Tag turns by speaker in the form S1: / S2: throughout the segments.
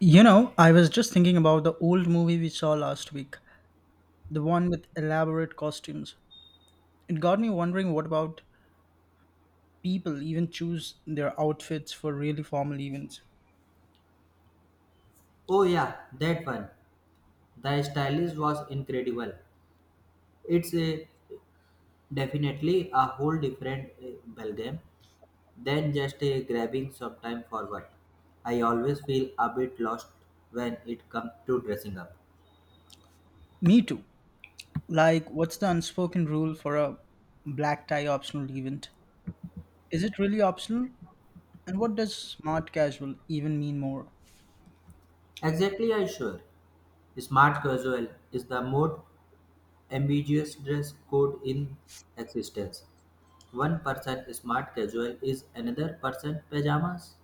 S1: You know, I was just thinking about the old movie we saw last week, the one with elaborate costumes. It got me wondering what about people even choose their outfits for really formal events.
S2: Oh yeah, that one. The stylist was incredible. It's a, definitely a whole different ballgame than just a grabbing some time for work. I always feel a bit lost when it comes to dressing up.
S1: Me too. Like, what's the unspoken rule for a black tie optional event? Is it really optional? And what does smart casual even mean more?
S2: Exactly, I sure. Smart casual is the most ambiguous dress code in existence. One person smart casual is another person pajamas.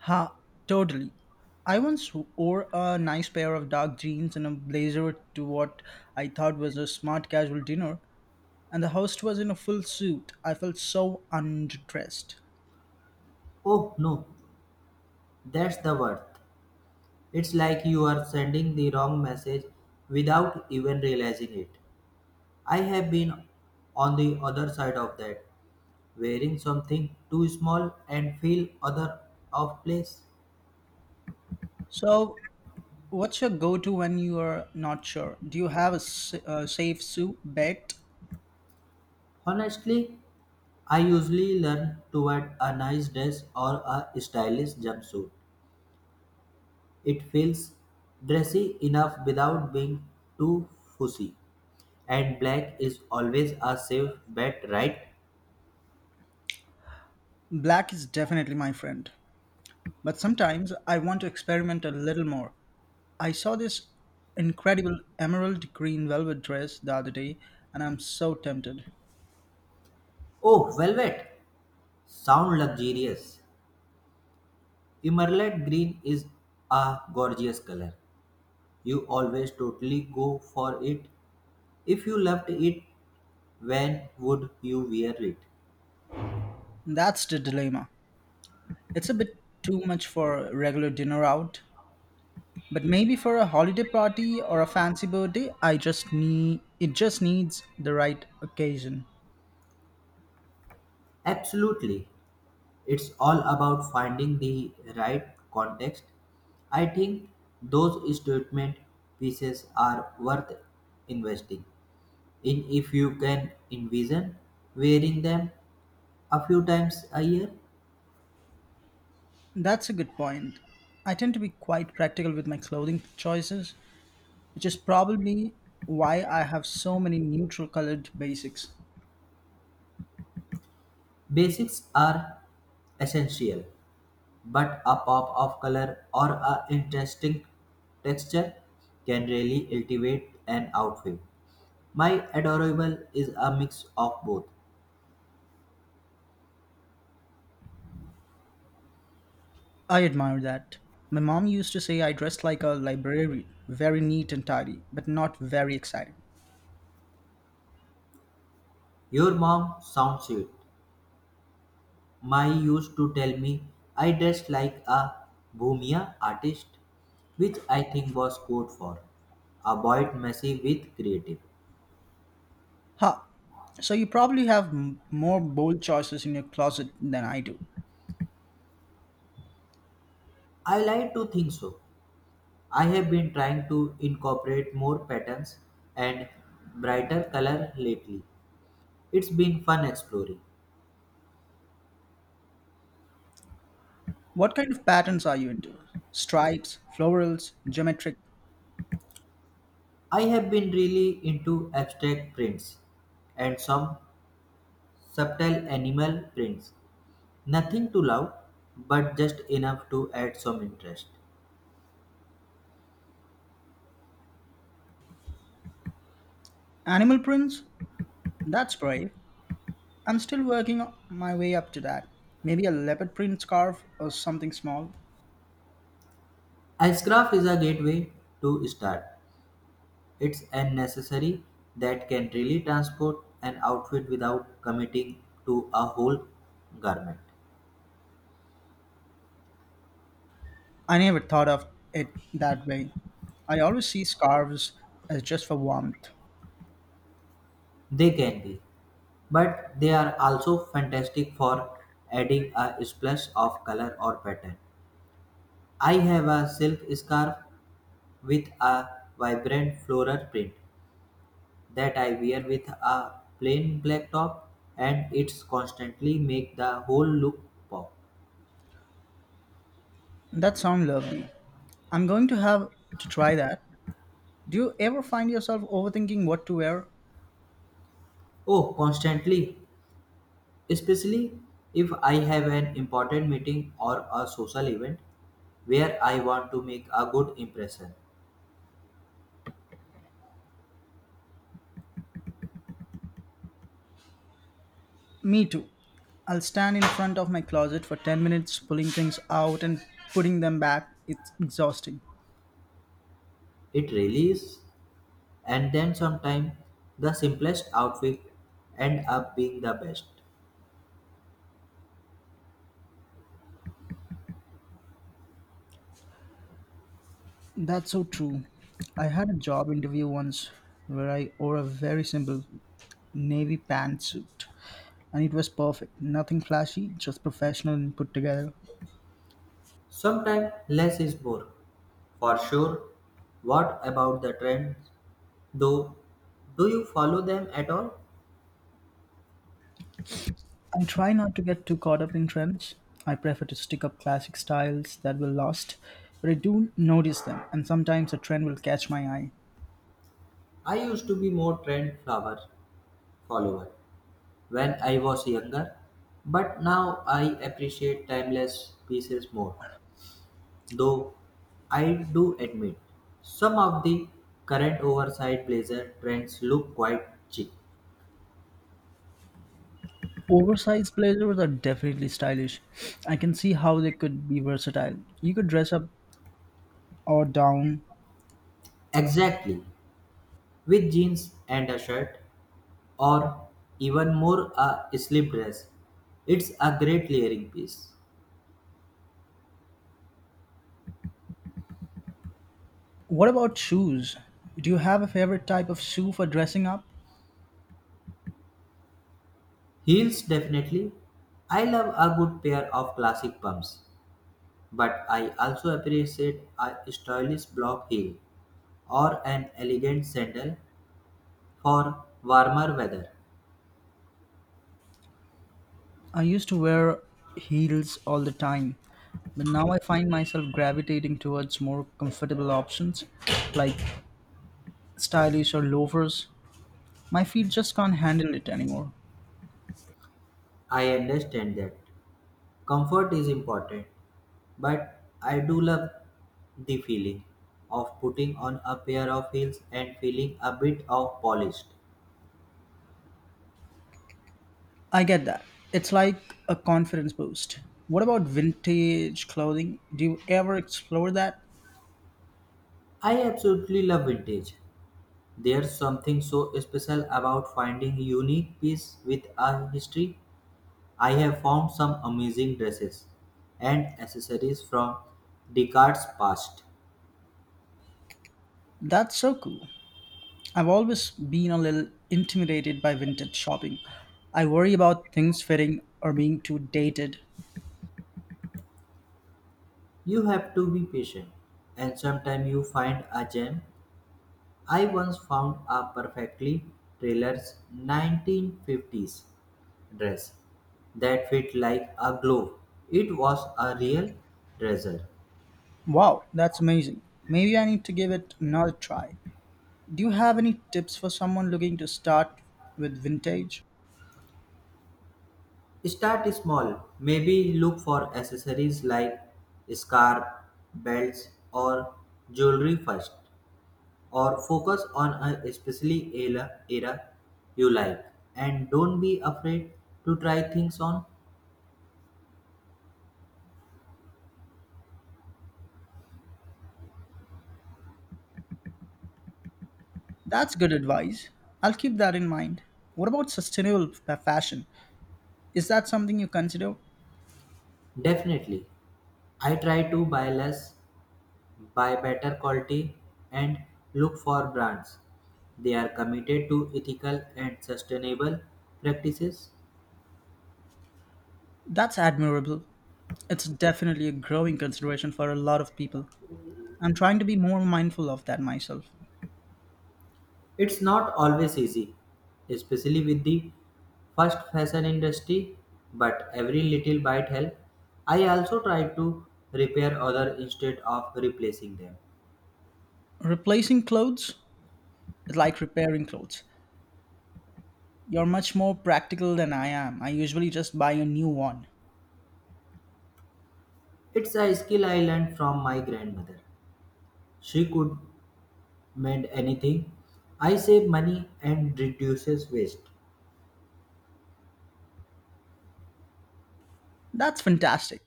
S1: Ha, totally. I once wore a nice pair of dark jeans and a blazer to what I thought was a smart casual dinner, and the host was in a full suit. I felt so underdressed.
S2: Oh no, that's the word. It's like you are sending the wrong message without even realizing it. I have been on the other side of that, wearing something too small and feel other of place.
S1: So, what's your go-to when you are not sure? Do you have a, a safe suit bet?
S2: Honestly, I usually learn toward a nice dress or a stylish jumpsuit. It feels dressy enough without being too fussy. And black is always a safe bet, right?
S1: Black is definitely my friend, but sometimes I want to experiment a little more. I saw this incredible emerald green velvet dress the other day, and I'm so tempted.
S2: Oh, velvet! Sound luxurious. Emerald green is a gorgeous color. You always totally go for it. If you loved it, when would you wear it?
S1: That's the dilemma. It's a bit too much for regular dinner out, but maybe for a holiday party or a fancy birthday, I just need it just needs the right occasion.
S2: Absolutely. It's all about finding the right context. I think those statement pieces are worth investing in if you can envision wearing them a few times a year.
S1: That's a good point. I tend to be quite practical with my clothing choices, which is probably why I have so many neutral colored basics.
S2: Basics are essential, but a pop of color or a interesting texture can really elevate an outfit. My adorable is a mix of both.
S1: I admire that. My mom used to say I dressed like a librarian, very neat and tidy, but not very exciting.
S2: Your mom sounds sweet. My used to tell me I dressed like a bohemia artist, which I think was code for avoid messy with creative.
S1: Ha! So you probably have more bold choices in your closet than I do.
S2: I like to think so. I have been trying to incorporate more patterns and brighter color lately. It's been fun exploring.
S1: What kind of patterns are you into? Stripes, florals, geometric,
S2: I have been really into abstract prints and some subtle animal prints. Nothing too loud, but just enough to add some interest.
S1: animal prints? That's brave. I'm still working my way up to that. Maybe a leopard print scarf or something small.
S2: As craft is a gateway to start. It's a necessary that can really transport an outfit without committing to a whole garment.
S1: I never thought of it that way. I always see scarves as just for warmth.
S2: They can be, but they are also fantastic for adding a splash of color or pattern. I have a silk scarf with a vibrant floral print that I wear with a plain black top, and it's constantly make the whole look pop.
S1: That sounds lovely. I'm going to have to try that. Do you ever find yourself overthinking what to wear?
S2: Oh, constantly, especially if I have an important meeting or a social event where I want to make a good impression.
S1: Me too. I'll stand in front of my closet for 10 minutes, pulling things out and putting them back. It's exhausting.
S2: It really is. And then sometimes the simplest outfit end up being the best.
S1: That's so true. I had a job interview once where I wore a very simple navy pantsuit, and it was perfect. Nothing flashy, just professional and put together.
S2: Sometimes less is more. For sure. What about the trends, though? Do you follow them at all?
S1: I try not to get too caught up in trends. I prefer to stick up classic styles that will last, but I do notice them, and sometimes a trend will catch my eye.
S2: I used to be more trend flower follower when I was younger, but now I appreciate timeless pieces more. Though I do admit some of the current oversized blazer trends look quite cheap.
S1: Oversized blazers are definitely stylish. I can see how they could be versatile. You could dress up or down.
S2: Exactly, with jeans and a shirt, or even more a sleeve dress. It's a great layering piece.
S1: What about shoes? Do you have a favorite type of shoe for dressing up?
S2: Heels, definitely. I love a good pair of classic pumps, but I also appreciate a stylish block heel or an elegant sandal for warmer weather.
S1: I used to wear heels all the time, but now I find myself gravitating towards more comfortable options like stylish or loafers. My feet just can't handle it anymore.
S2: I understand that comfort is important, but I do love the feeling of putting on a pair of heels and feeling a bit of polished.
S1: I get that. It's like a confidence boost. What about vintage clothing? Do you ever explore that?
S2: I absolutely love vintage. There's something so special about finding unique piece with a history. I have found some amazing dresses and accessories from Descartes' past.
S1: That's so cool. I've always been a little intimidated by vintage shopping. I worry about things fitting or being too dated.
S2: You have to be patient, and sometimes you find a gem. I once found a perfectly tailored 1950s dress that fit like a glove. It was a real treasure.
S1: Wow, that's amazing. Maybe I need to give it another try. Do you have any tips for someone looking to start with vintage?
S2: Start small. Maybe look for accessories like scarf, belts, or jewelry first, or focus on a specific era you like, and don't be afraid to try things on.
S1: That's good advice. I'll keep that in mind. What about sustainable fashion? Is that something you consider?
S2: Definitely, I try to buy less, buy better quality, and look for brands they are committed to ethical and sustainable practices.
S1: That's admirable. It's definitely a growing consideration for a lot of people. I'm trying to be more mindful of that myself.
S2: It's not always easy, especially with the first fashion industry, but every little bite helps. I also try to repair other instead of replacing them.
S1: Replacing clothes is like repairing clothes. You're much more practical than I am. I usually just buy a new one.
S2: It's a skill I learned from my grandmother. She could mend anything. I save money and reduces waste.
S1: That's fantastic.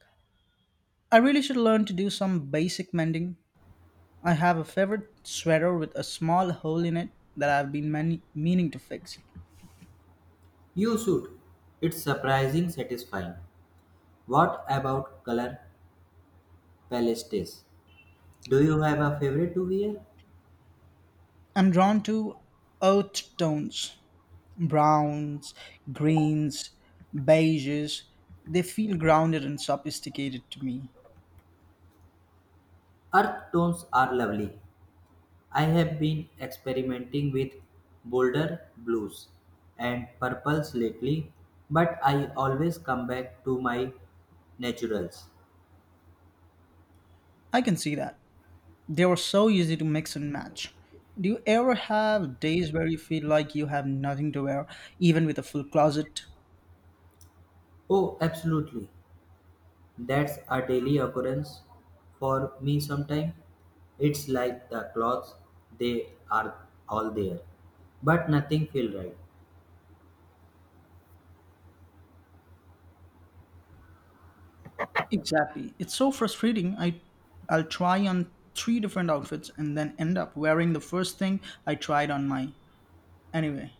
S1: I really should learn to do some basic mending. I have a favorite sweater with a small hole in it that I've been meaning to fix.
S2: You should. It's surprising satisfying. What about color palettes? Do you have a favorite to wear?
S1: I'm drawn to earth tones, browns, greens, beiges. They feel grounded and sophisticated to me.
S2: Earth tones are lovely. I have been experimenting with bolder blues and purples lately, but I always come back to my naturals.
S1: I can see that. They were so easy to mix and match. Do you ever have days where you feel like you have nothing to wear, even with a full closet?
S2: Oh, absolutely. That's a daily occurrence for me sometimes. It's like the clothes, they are all there, but nothing feels right.
S1: Exactly. It's so frustrating. I'll try on three different outfits and then end up wearing the first thing I tried on my anyway.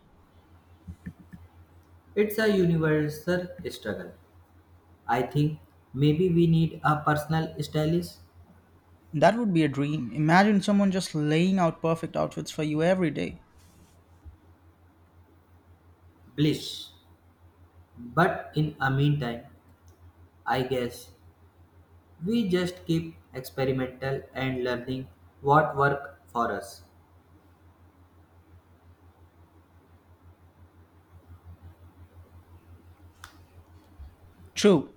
S2: It's a universal struggle. I think maybe we need a personal stylist,
S1: That would be a dream. Imagine someone just laying out perfect outfits for you every day.
S2: bliss. But in a meantime, I guess we just keep experimental and learning what work for us.
S1: True.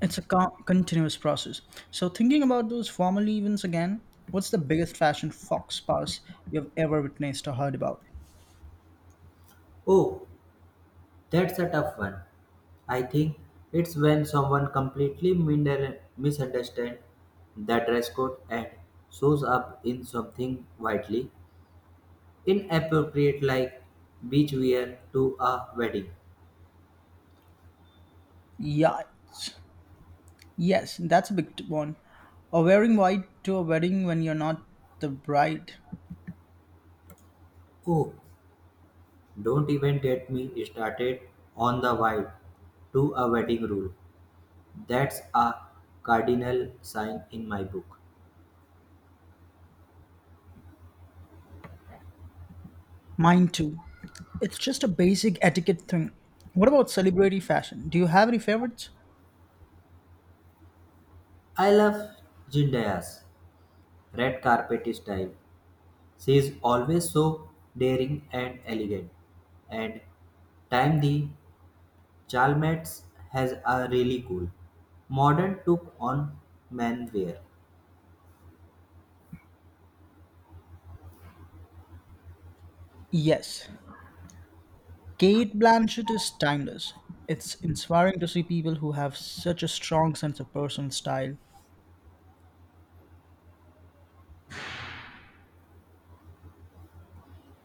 S1: It's a continuous process. So, thinking about those formal events again, what's the biggest fashion fox pass you've ever witnessed or heard about?
S2: Oh, that's a tough one. I think it's when someone completely misunderstands the dress code and shows up in something widely inappropriate like beach wear to a wedding.
S1: Yeah, Yes, that's a big one. Or wearing white to a wedding when you're not the bride.
S2: Oh, don't even get me started on the vibe to a wedding rule. That's a cardinal sign in my book.
S1: Mine too. It's just a basic etiquette thing. What about celebrity fashion? Do you have any favorites?
S2: I love Zendaya's red carpet style. She is always so daring and elegant, and time the Chalmers has a really cool, modern took on manware.
S1: Yes. Kate Blanchett is timeless. It's inspiring to see people who have such a strong sense of personal style.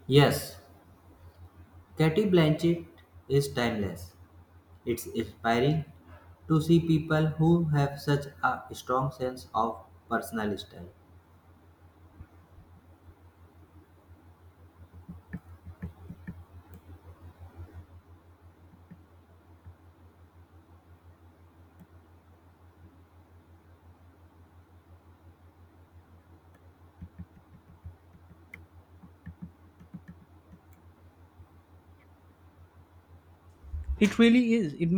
S2: Yes, Katie Blanchett is timeless. It's inspiring to see people who have such a strong sense of personal style.
S1: It really is. It